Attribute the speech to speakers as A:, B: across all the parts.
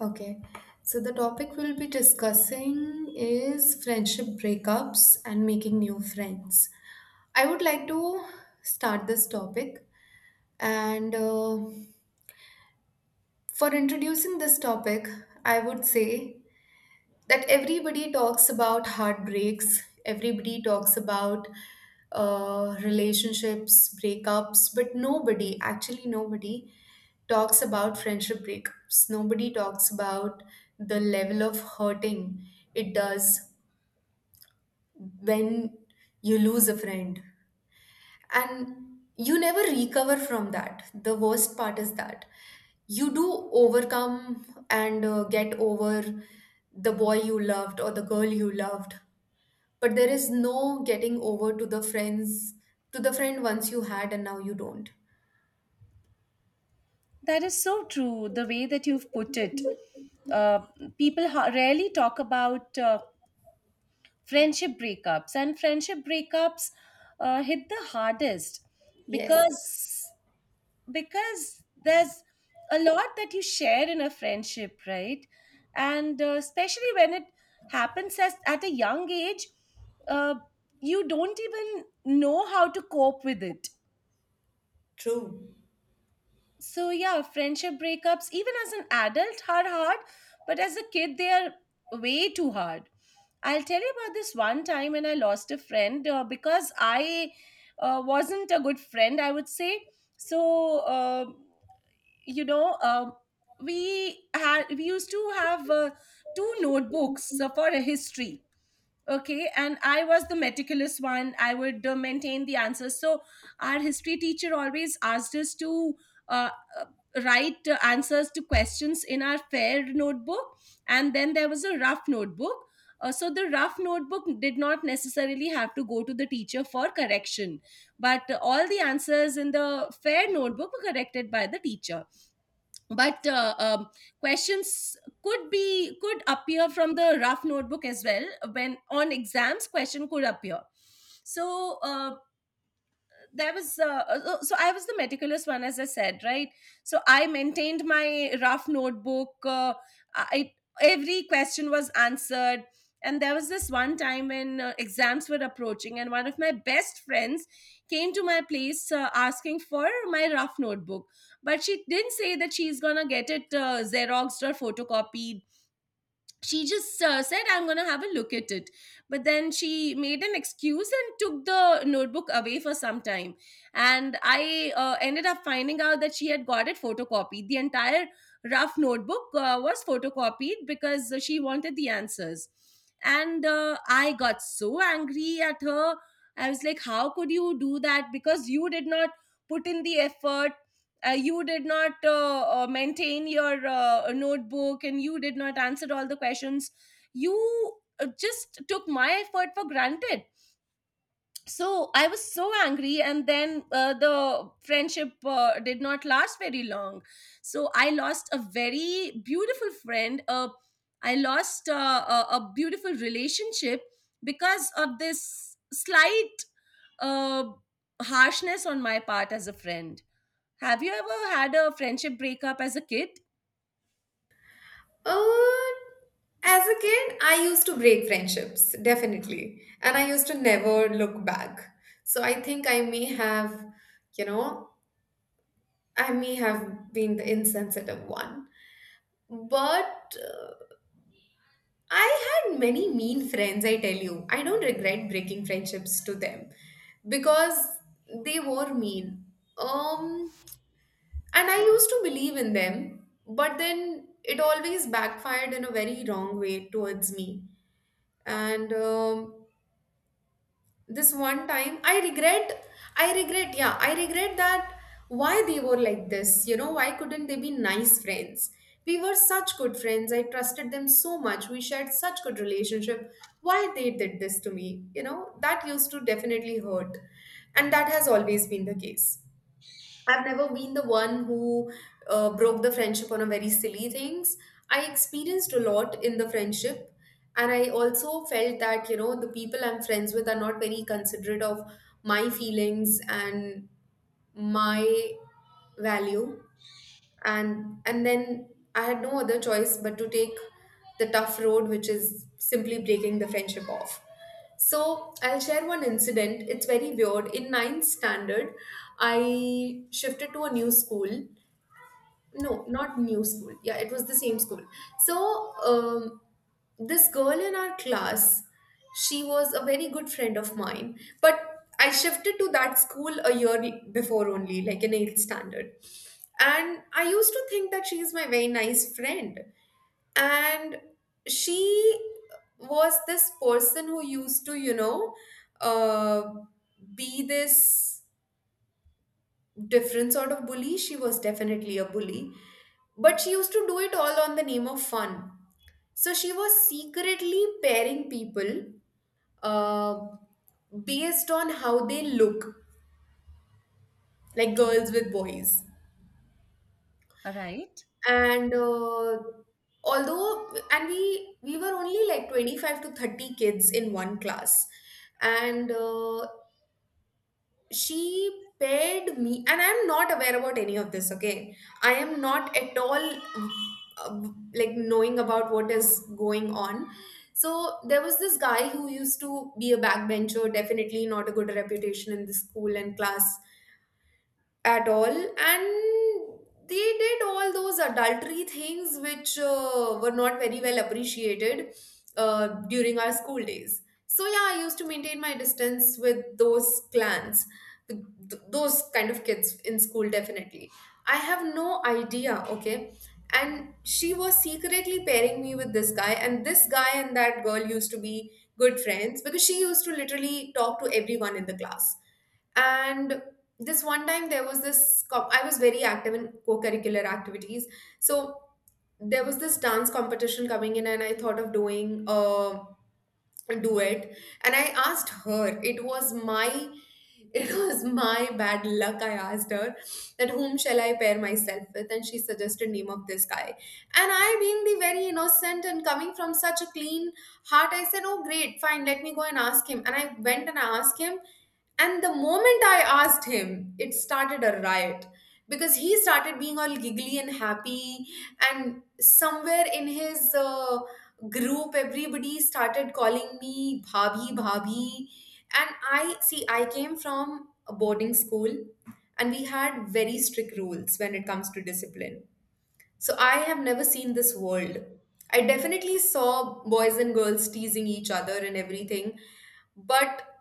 A: Okay, so the topic we'll be discussing is friendship breakups and making new friends. I would like to start this topic, and for introducing this topic, I would say that everybody talks about heartbreaks, everybody talks about relationships breakups, but nobody actually, nobody talks about friendship breakups, nobody talks about the level of hurting it does when you lose a friend, and you never recover from that. The worst part is that you do overcome and get over the boy you loved or the girl you loved, but there is no getting over to the friends, to the friend once you had and now you don't.
B: That is so true, the way that you've put it. Uh, people rarely talk about friendship breakups, and friendship breakups hit the hardest
A: Yes,
B: because there's a lot that you share in a friendship, right? And especially when it happens at a young age, uh, you don't even know how to cope with it.
A: true.
B: So yeah, friendship breakups even as an adult are hard, but as a kid they are way too hard. I'll tell you about this one time when I lost a friend because I wasn't a good friend, I would say. So you know uh, we used to have two notebooks for a history. Okay, and I was the meticulous one. I would maintain the answers. So our history teacher always asked us to uh, uh, write answers to questions in our fair notebook, and then there was a rough notebook. So the rough notebook did not necessarily have to go to the teacher for correction, but all the answers in the fair notebook were corrected by the teacher, but questions could appear from the rough notebook as well. When on exams question could appear. So there was so so I was the meticulous one, as I said, right? So I maintained my rough notebook. I, every question was answered. And there was this one time when exams were approaching and one of my best friends came to my place asking for my rough notebook, but she didn't say that she's gonna get it xeroxed or photocopied. She just said I'm going to have a look at it. But then she made an excuse and took the notebook away for some time, and I ended up finding out that she had got it photocopied. The entire rough notebook was photocopied because she wanted the answers. And I got so angry at her. I was like, how could you do that? Because you did not put in the effort. You did not maintain your notebook and you did not answer all the questions. You just took my effort for granted. So I was so angry, and then the friendship did not last very long. So I lost a very beautiful friend. I lost a beautiful relationship because of this slight uh, harshness on my part as a friend. Have you ever had a friendship breakup as a kid?
A: uh, as a kid I used to break friendships definitely, and I used to never look back. So I think I may have, you know, I may have been the insensitive one. But I had many mean friends, I tell you. I don't regret breaking friendships to them, because they were mean. um And I used to believe in them, but then it always backfired in a very wrong way towards me. And this one time, I regret, yeah, I regret that why they were like this. You know, why couldn't they be nice friends? We were such good friends. I trusted them so much. We shared such good relationship. Why they did this to me? You know, that used to definitely hurt. And that has always been the case. I've never been the one who broke the friendship on a very silly things. I experienced a lot in the friendship, and I also felt that, you know, the people I'm friends with are not very considerate of my feelings and my value, and then I had no other choice but to take the tough road, which is simply breaking the friendship off. So I'll share one incident. It's very weird. In ninth standard, I shifted to a new school, no, not new school, yeah, it was the same school. So this girl in our class, she was a very good friend of mine, but I shifted to that school a year before only, like in 8th standard, and I used to think that she is my very nice friend. And she was this person who used to, you know, uh, be this different sort of bully. She was definitely a bully, but she used to do it all on the name of fun. So she was secretly pairing people uh, based on how they look, like girls with boys.
B: Right?
A: And although, and we were only like 25 to 30 kids in one class, and she paid me, and I'm not aware about any of this, okay? I am not at all uh, like knowing about what is going on. So there was this guy who used to be a backbencher, definitely not a good reputation in the school and class at all, and they did all those adultery things which were not very well appreciated during our school days. So yeah, I used to maintain my distance with those clans, with those kind of kids in school, definitely. I have no idea, okay? And she was secretly pairing me with this guy, and this guy and that girl used to be good friends because she used to literally talk to everyone in the class. And this one time there was this I was very active in co-curricular activities. So there was this dance competition coming in, and I thought of doing do it. And I asked her, it was my, it was my bad luck, I asked her that whom shall I pair myself with, and she suggested name of this guy. And I, being the very innocent and coming from such a clean heart, I said, oh great, fine, let me go and ask him. And I went and I asked him, and the moment I asked him, it started a riot, because he started being all giggly and happy. And somewhere in his group everybody started calling me bhabhi, bhabhi. And I see, I came from a boarding school, and we had very strict rules when it comes to discipline. So I have never seen this world. I definitely saw boys and girls teasing each other and everything, but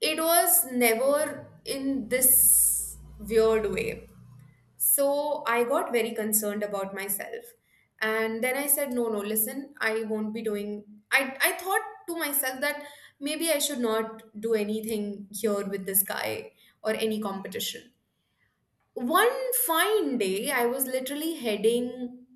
A: it was never in this weird way. So I got very concerned about myself. And then I said, no, no, listen, I won't be doing. I thought to myself that maybe I should not do anything here with this guy or any competition. One fine day, I was literally heading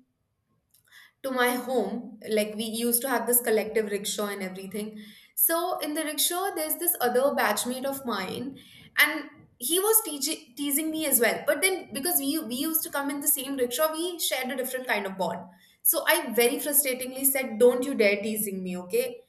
A: to my home. Like we used to have this collective rickshaw and everything. So in the rickshaw, there's this other batchmate of mine, and he was teaching teasing me as well. But then because we used to come in the same rickshaw, we shared a different kind of bond. So I very frustratingly said, "Don't you dare teasing me, okay?"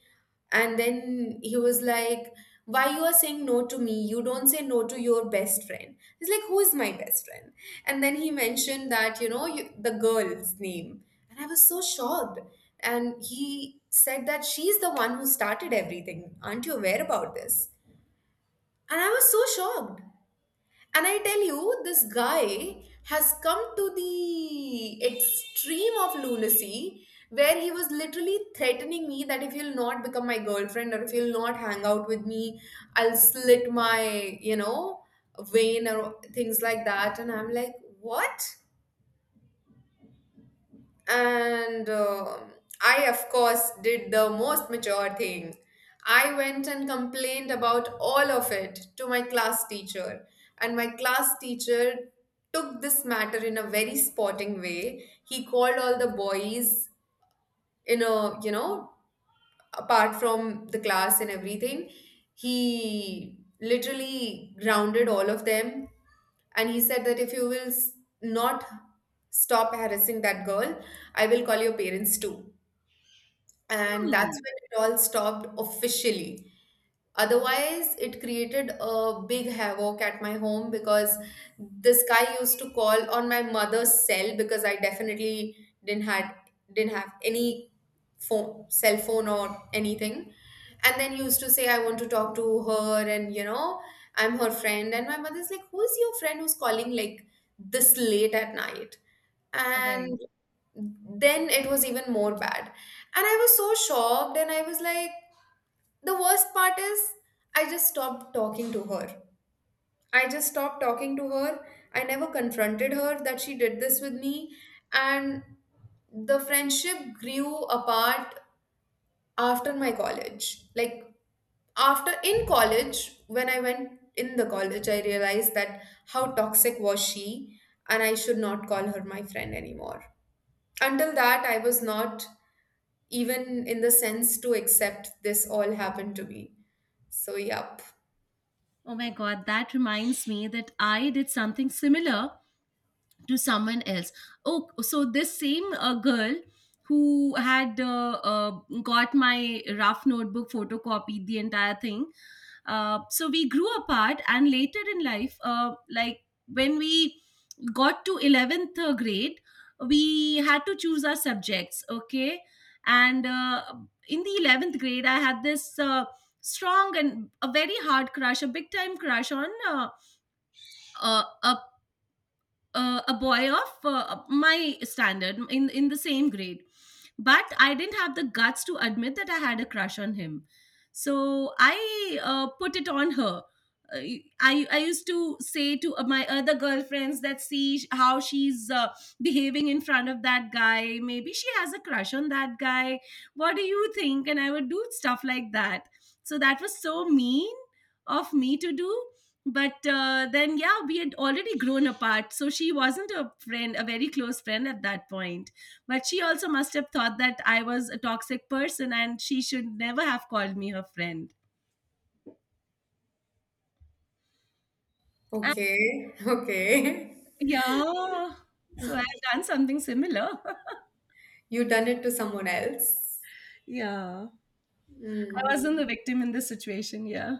A: And then he was like, "Why you are saying no to me? You don't say no to your best friend." He's like, "Who is my best friend?" And then he mentioned that, you know, you, the girl's name. And I was so shocked. And he said that she's the one who started everything. Aren't you aware about this? And I was so shocked. And I tell you, this guy has come to the extreme of lunacy where he was literally threatening me that, if you'll not become my girlfriend or if you'll not hang out with me, I'll slit my, you know, vein or things like that. And I'm like, what? And I, of course, did the most mature thing. I went and complained about all of it to my class teacher. And my class teacher took this matter in a very sporting way. He called all the boys in a, you know, apart from the class and everything, he literally grounded all of them. And he said that, if you will not stop harassing that girl, I will call your parents too, and that's
B: Hmm.
A: when it all stopped officially. Otherwise, it created a big havoc at my home, because this guy used to call on my mother's cell, because I definitely didn't had didn't have any phone, cell phone or anything. And then he used to say, I want to talk to her, and you know, I'm her friend. And my mother's like, "Who is your friend who's calling like this late at night?"
B: Right.
A: And then it was even more bad, and I was so shocked, and I was like, the worst part is, I just stopped talking to her I just stopped talking to her I never confronted her that she did this with me. And the friendship grew apart after my college, like after in college, when I went in the college, I realized that how toxic was she, and I should not call her my friend anymore. Until that I was not even in the sense to accept this all happened to me. So, yup.
B: Oh my God, that reminds me that I did something similar to someone else. Oh, so this same girl who had got my rough notebook, photocopied the entire thing. So we grew apart, and later in life, like when we got to 11th grade, we had to choose our subjects, okay? And in the 11th grade, I had this strong and a very hard crush, a big time crush on uh, a a boy of my standard in the same grade, but I didn't have the guts to admit that I had a crush on him. So I put it on her. Uh, I used to say to my other girlfriends that, see how she's behaving in front of that guy, maybe she has a crush on that guy, what do you think? And I would do stuff like that. So that was so mean of me to do. But then yeah, we had already grown apart, so she wasn't a friend, a very close friend at that point. But she also must have thought that I was a toxic person and she should never have called me her friend. And
A: Okay, okay.
B: yeah, so I've done something similar.
A: You done it to someone else.
B: Yeah, I
A: Mm.
B: wasn't the victim in this situation, yeah.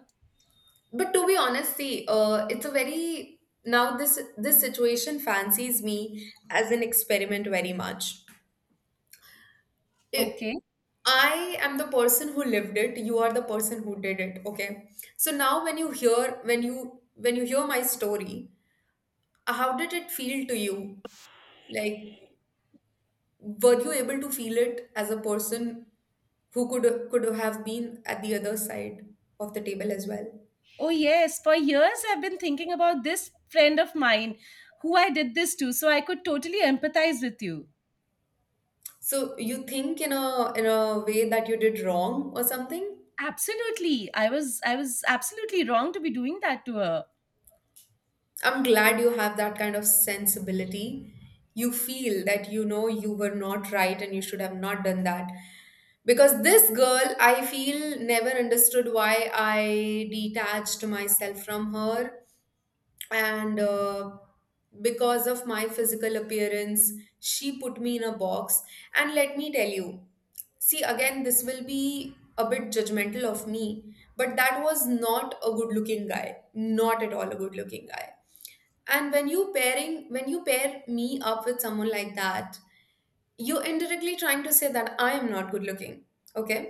A: But to be honest, see, it's a very, now this situation fancies me as an experiment very much. It,
B: Okay.
A: I am the person who lived it. You are the person who did it. Okay. So now, when you hear, when you hear my story, how did it feel to you? Like, were you able to feel it as a person who could have been at the other side of the table as well?
B: Oh yes, for years I've been thinking about this friend of mine who I did this to, so I could totally empathize with you.
A: So you think in a way that you did wrong or something?
B: Absolutely. I was absolutely wrong to be doing that to her.
A: I'm glad you have that kind of sensibility. You feel that, you know, you were not right and you should have not done that. Because this girl, I feel, never understood why I detached myself from her, and because of my physical appearance she put me in a box. And let me tell you, see, again, this will be a bit judgmental of me, but that was not a good looking guy, not at all a good looking guy. And when you pair me up with someone like that, you're indirectly trying to say that I am not good looking, okay?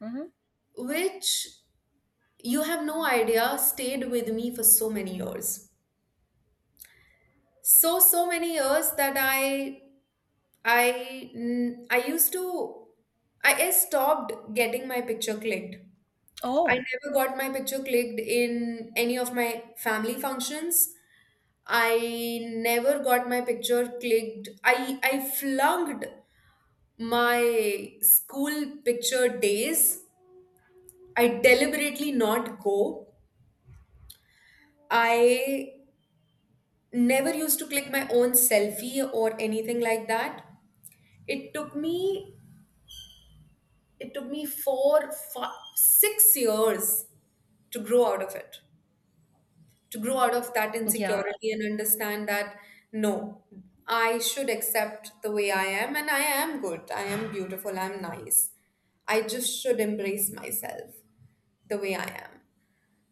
B: Mhm.
A: Which, you have no idea, stayed with me for so many years. So many years that I used to, I stopped getting my picture clicked. I
B: Oh,
A: never got my picture clicked in any of my family functions. I never got my picture clicked. I flunked my school picture days. I deliberately not go. I never used to click my own selfie or anything like that. It took me, it took me 4, 5, 6 years to grow out of it, to grow out of that
B: yeah,
A: insecurity and understand that no, I should accept the way I am, and I am good, I am beautiful, I'm nice. I just should embrace myself the way I am.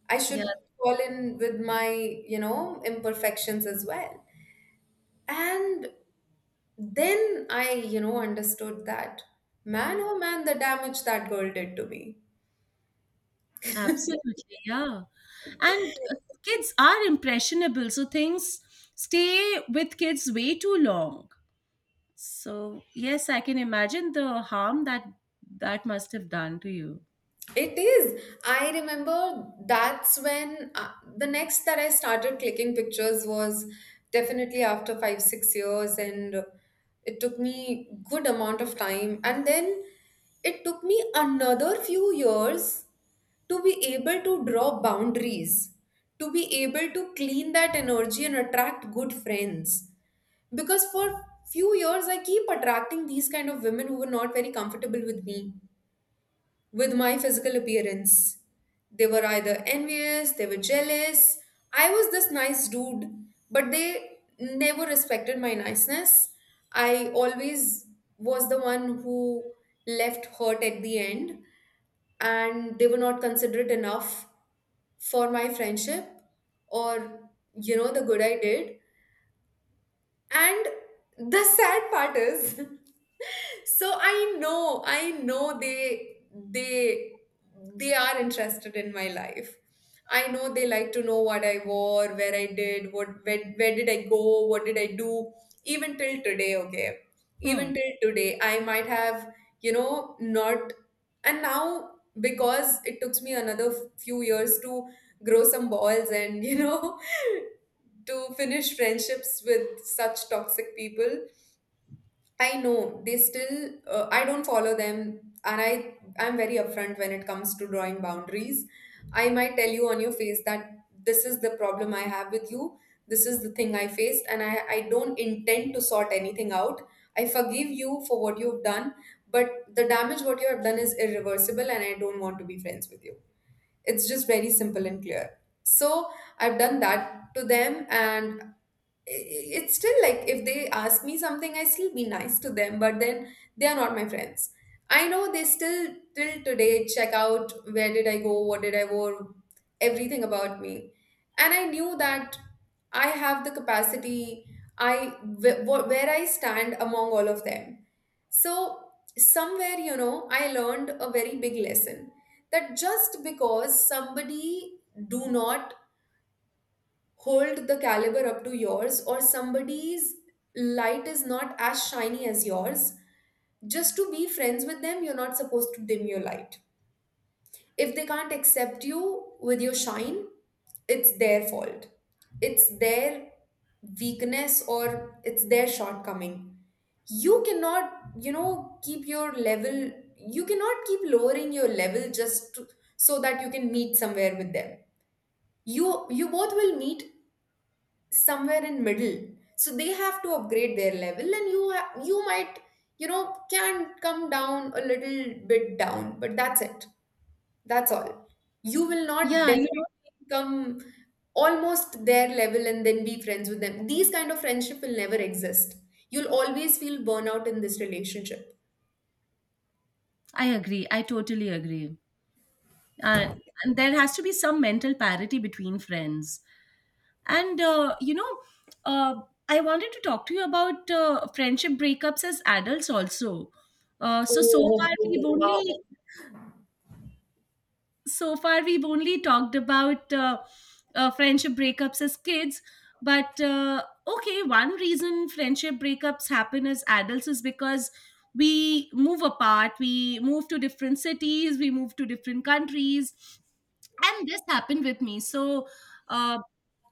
A: I
B: yeah,
A: should fall in with my, you know, imperfections as well. And then I, you know, understood that man, oh man, the damage that girl did to me.
B: absolutely, yeah. And kids are impressionable, so things stay with kids way too long. So yes, I can imagine the harm that must have done to you.
A: It is. I remember that's when, the next that I started clicking pictures was definitely after 5, 6 years, and it took me good amount of time. And then it took me another few years to be able to draw boundaries, to be able to clean that energy and attract good friends. Because for few years I keep attracting these kind of women who were not very comfortable with me, with my physical appearance. They were either envious, they were jealous. I was this nice dude, but they never respected my niceness. I always was the one who left hurt at the end, and they were not considerate enough for my friendship or, you know, the good I did. And the sad part is. So I know, I know they, they they are interested in my life. I know they like to know what I wore, where I did what, where did I go, what did I do. Even till today, okay?
B: Hmm.
A: Even till today I might have, you know, not. And now, because it took me another few years to grow some balls and, you know, to finish friendships with such toxic people. I know they still, I don't follow them, and I, I'm very upfront when it comes to drawing boundaries. I might tell you on your face that this is the problem I have with you. This is the thing I faced and I don't intend to sort anything out. I forgive you for what you've done, but the damage what you have done is irreversible and I don't want to be friends with you. It's just very simple and clear. So, I've done that to them and i- it's still like if they ask me something I still be nice to them, but then they are not my friends. I know they still, till today, check out where did I go, what did I wore, everything about me. And I knew that I have the capacity, where I stand among all of them. So somewhere, you know, I learned a very big lesson that just because somebody do not hold the caliber up to yours, or somebody's light is not as shiny as yours, just to be friends with them you're not supposed to dim your light. If they can't accept you with your shine, it's their fault. It's their weakness or it's their shortcoming. You cannot, you know, keep your level. You cannot keep lowering your level just to, so that you can meet somewhere with them. You both will meet somewhere in middle. So they have to upgrade their level and you might, you know, can come down a little bit down, but that's it. That's all. You will not
B: Yeah, you know,
A: definitely come almost their level and then be friends with them. These kind of friendship will never exist. You'll always feel burnout in this relationship.
B: I agree. I totally agree. Uh, and there has to be some mental parity between friends. And uh, I wanted to talk to you about friendship breakups as adults also. Uh, so so
A: Oh,
B: far
A: okay, okay.
B: we've
A: Wow.
B: only so far we've only talked about friendship breakups as kids. But okay, one reason friendship breakups happen as adults is because we move apart, we move to different cities, we move to different countries, and this happened with me. So uh,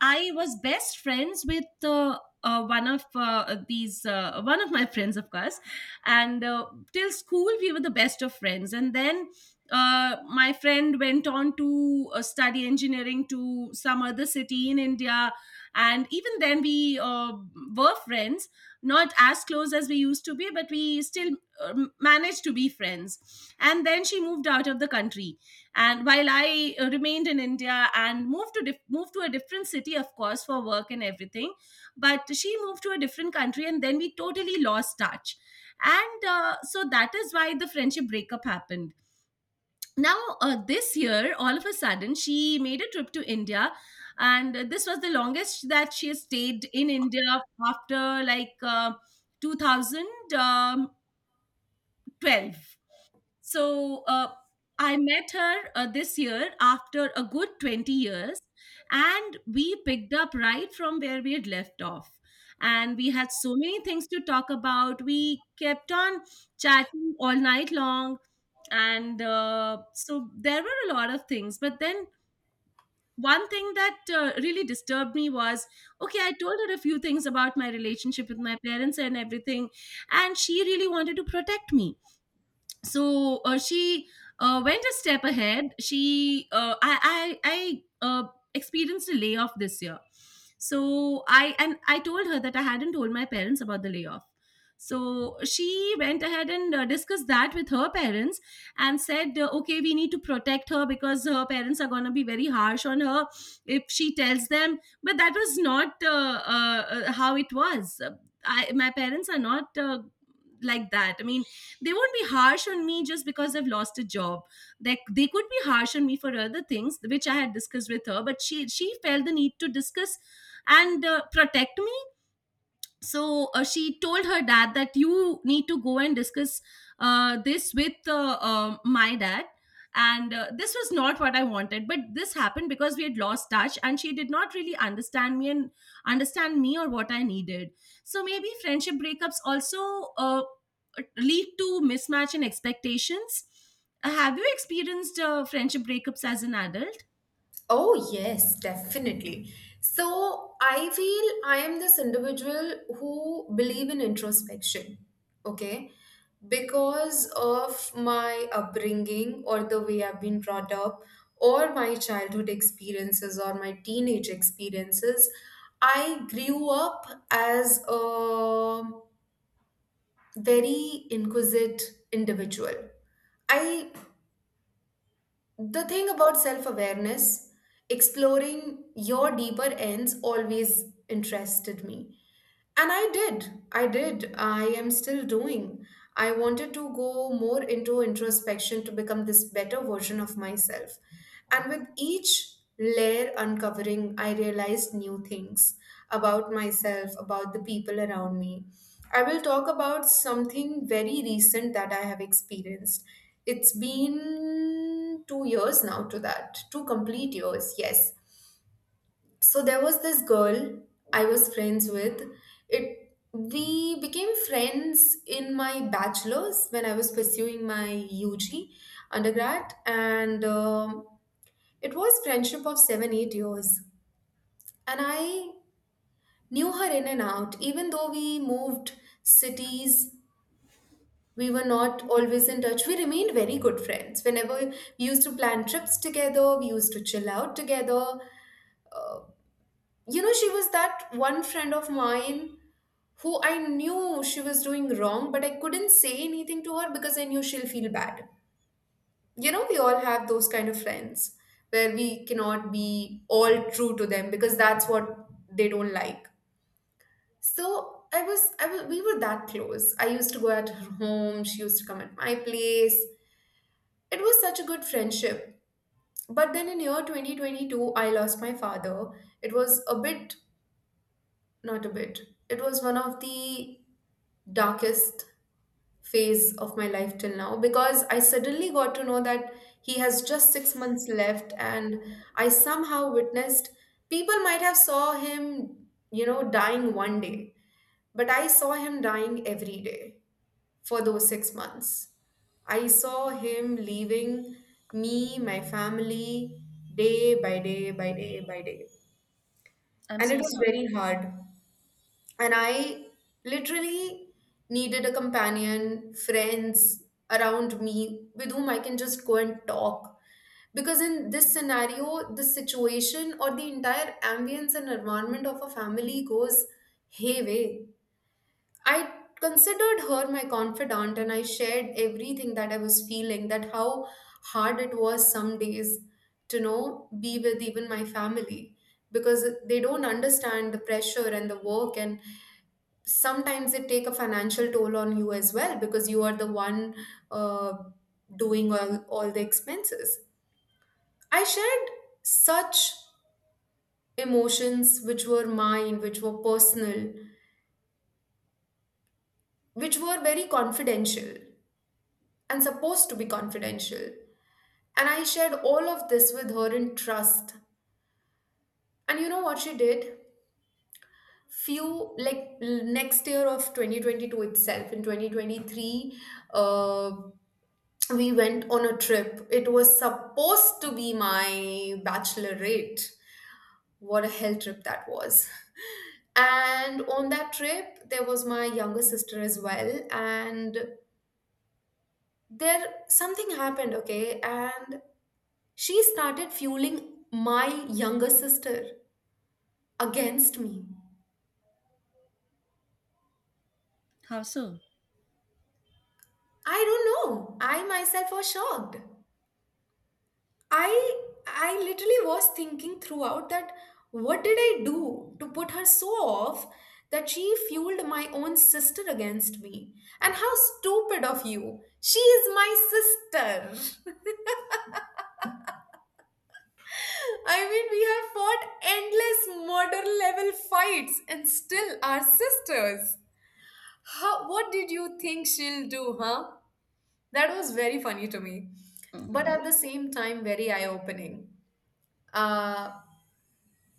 B: I was best friends with one of my friends, of course. And till school we were the best of friends, and then my friend went on to study engineering to some other city in India. And even then we uh, were friends, not as close as we used to be, but we still uh, managed to be friends. And then she moved out of the country, and while I remained in India and moved to moved to a different city, of course, for work and everything, but she moved to a different country, and then we totally lost touch. And so that is why the friendship breakup happened. Now this year, all of a sudden, she made a trip to India, and this was the longest that she has stayed in India after like 2012. So I met her this year after a good 20 years, and we picked up right from where we had left off. And we had so many things to talk about. We kept on chatting all night long. And so there were a lot of things. But then one thing that really disturbed me was, okay, I told her a few things about my relationship with my parents and everything. And she really wanted to protect me. So she went a step ahead. She I experienced a layoff this year. So I told her that I hadn't told my parents about the layoff. So she went ahead and discussed that with her parents and said, okay, we need to protect her because her parents are going to be very harsh on her if she tells them. But that was not how it was. My parents are not like that. I mean, they won't be harsh on me just because I've lost a job. They could be harsh on me for other things, which I had discussed with her, but she felt the need to discuss and protect me. So she told her dad that you need to go and discuss this with my dad. And this was not what I wanted, but this happened because we had lost touch and she did not really understand me and understand me or what I needed. So maybe friendship breakups also lead to mismatch in expectations. Have you experienced friendship breakups as an adult?
A: Oh, yes, definitely. So I feel I am this individual who believe in introspection, okay? Because of my upbringing or the way I've been brought up, or my childhood experiences or my teenage experiences, I grew up as a very inquisitive individual. I, the thing about self awareness, exploring your deeper ends always interested me. And I did. I did. I am still doing. I wanted to go more into introspection to become this better version of myself. And with each layer uncovering, I realized new things about myself, about the people around me. I will talk about something very recent that I have experienced. It's been 2 years now to that, 2 complete years, yes. So there was this girl I was friends with. It, we became friends in my bachelor's when I was pursuing my UG, undergrad, and it was friendship of 7 8 years, and I knew her in and out. Even though we moved cities, we were not always in touch, we remained very good friends. Whenever we used to plan trips together, we used to chill out together. You know, she was that one friend of mine who, I knew she was doing wrong, but I couldn't say anything to her because I knew she'll feel bad. You know, we all have those kind of friends where we cannot be all true to them because that's what they don't like. So I was, we were that close. I used to go at her home. She used to come at my place. It was such a good friendship. But then in year 2022, I lost my father. It was a bit, not a bit, it was one of the darkest phase of my life till now, because I suddenly got to know that he has just 6 months left, and I somehow witnessed, people might have saw him, you know, dying one day, but I saw him dying every day for those 6 months. I saw him leaving me, my family, day by day by day by day.
B: I'm
A: And
B: so
A: it was
B: sorry.
A: very hard, and I literally needed a companion, friends around me with whom I can just go and talk. Because in this scenario, the situation or the entire ambience and environment of a family goes hayway. I considered her my confidant and I shared everything that I was feeling, that how hard it was some days to know be with even my family, because they don't understand the pressure and the work, and sometimes it take a financial toll on you as well because you are the one, uh, doing all the expenses. I shared such emotions which were mine, which were personal, which were very confidential and supposed to be confidential, and I shared all of this with her in trust. And you know what she did? Few, like, next year of 2022 itself, in 2023, uh. we went on a trip. It was supposed to be my bachelorette. What a hell trip that was. And on that trip, there was my younger sister as well. And there, something happened, okay? And she started fueling my younger sister against me.
B: How so?
A: I don't know. I myself was shocked. I literally was thinking throughout that what did I do to put her so off that she fueled my own sister against me? And how stupid of you. She is my sister. I mean, we have fought endless murder level fights and still are sisters. How, what did you think she'll do, huh? That was very funny to me, but
B: Mm.
A: at the same time very eye-opening. Uh,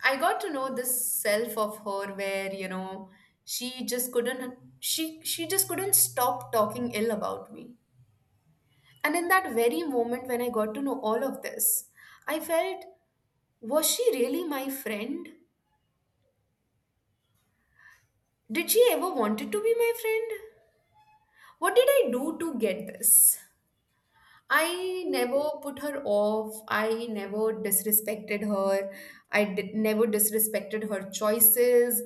A: I got to know this self of her where, you know, she just couldn't stop talking ill about me. And in that very moment when I got to know all of this, I felt, was she really my friend? Did she ever wanted to be my friend? What did I do to get this? I never put her off. I never disrespected her. I did, never disrespected her choices.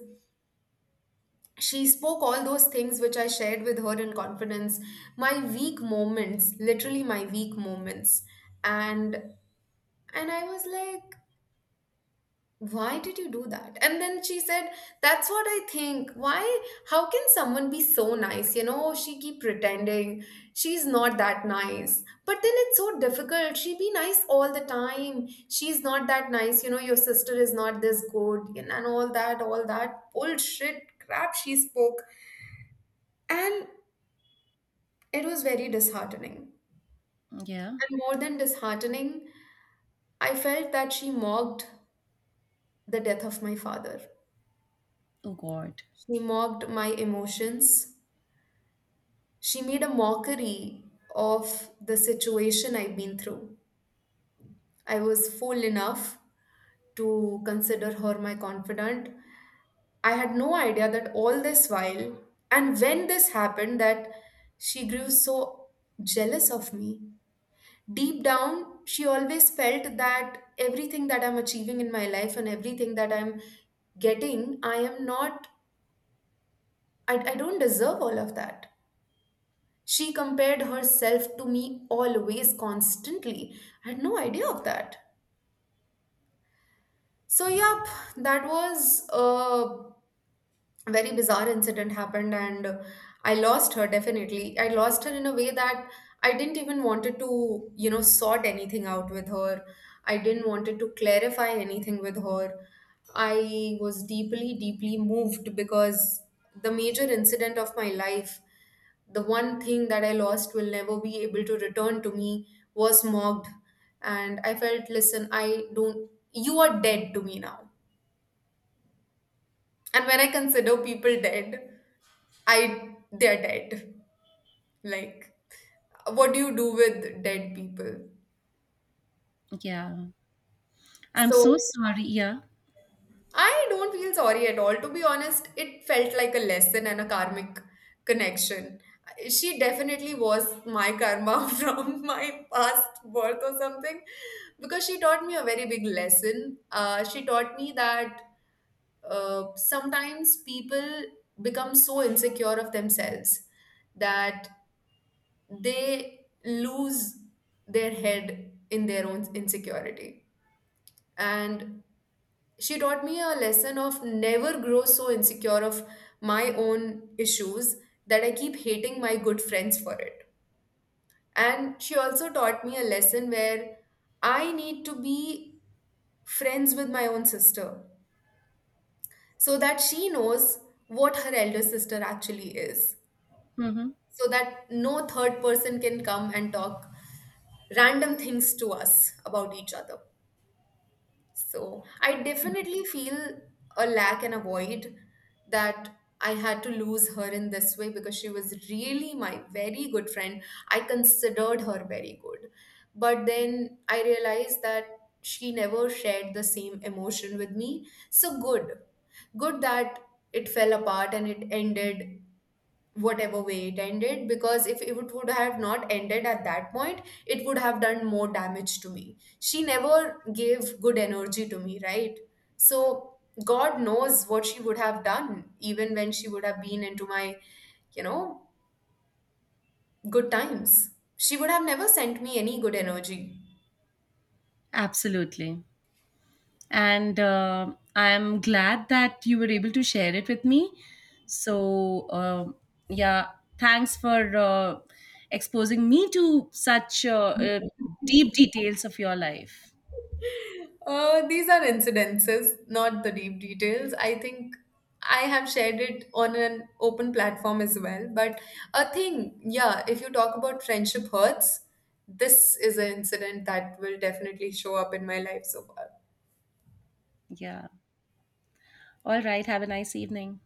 A: She spoke all those things which I shared with her in confidence, my weak moments, literally my weak moments. And I was like, why did you do that? And then she said, that's what I think. Why? How can someone be so nice? You know, she keep pretending she's not that nice. But then it's so difficult. She be nice all the time. She's not that nice. You know, your sister is not this good, and all that, bullshit crap she spoke. And it was very disheartening.
B: Yeah.
A: And more than disheartening, I felt that she mocked the death of my father.
B: Oh God.
A: She mocked my emotions. She made a mockery of the situation I've been through. I was fool enough to consider her my confidant. I had no idea that all this while, and when this happened, that she grew so jealous of me. Deep down, she always felt that everything that I'm achieving in my life and everything that I'm getting, I am not, I don't deserve all of that. She compared herself to me always, constantly. I had no idea of that. So, yeah, that was a very bizarre incident happened, and I lost her. Definitely I lost her in a way that I didn't even wanted to, you know, sort anything out with her. I didn't wanted to clarify anything with her. I was deeply, deeply moved because the major incident of my life, the one thing that I lost, will never be able to return to me, was mocked. And I felt, listen, I don't, you are dead to me now. And when I consider people dead, I, they're dead. Like, what do you do with dead people?
B: Yeah. I'm so
A: So
B: sorry. Yeah.
A: I don't feel sorry at all. To be honest, it felt like a lesson and a karmic connection. She definitely was my karma from my past birth or something, because she taught me a very big lesson. She taught me that, sometimes people become so insecure of themselves that they lose their head in their own insecurity. And she taught me a lesson of never grow so insecure of my own issues that I keep hating my good friends for it. And she also taught me a lesson where I need to be friends with my own sister so that she knows what her elder sister actually is,
B: Hmm.
A: so that no third person can come and talk random things to us about each other. So I definitely feel a lack and a void that I had to lose her in this way, because she was really my very good friend. I considered her very good. But then I realized that she never shared the same emotion with me. So good. Good that it fell apart and it ended whatever way it ended, because if it would have not ended at that point, it would have done more damage to me. She never gave good energy to me, right? So god knows what she would have done. Even when she would have been into my, you know, good times, she would have never sent me any good energy.
B: Absolutely. And I'm glad that you were able to share it with me. So, yeah, thanks for exposing me to such deep details of your life.
A: These are incidences, not the deep details. I think I have shared it on an open platform as well. But a thing, yeah, if you talk about friendship hurts, this is an incident that will definitely show up in my life so far.
B: Yeah. All right. Have a nice evening.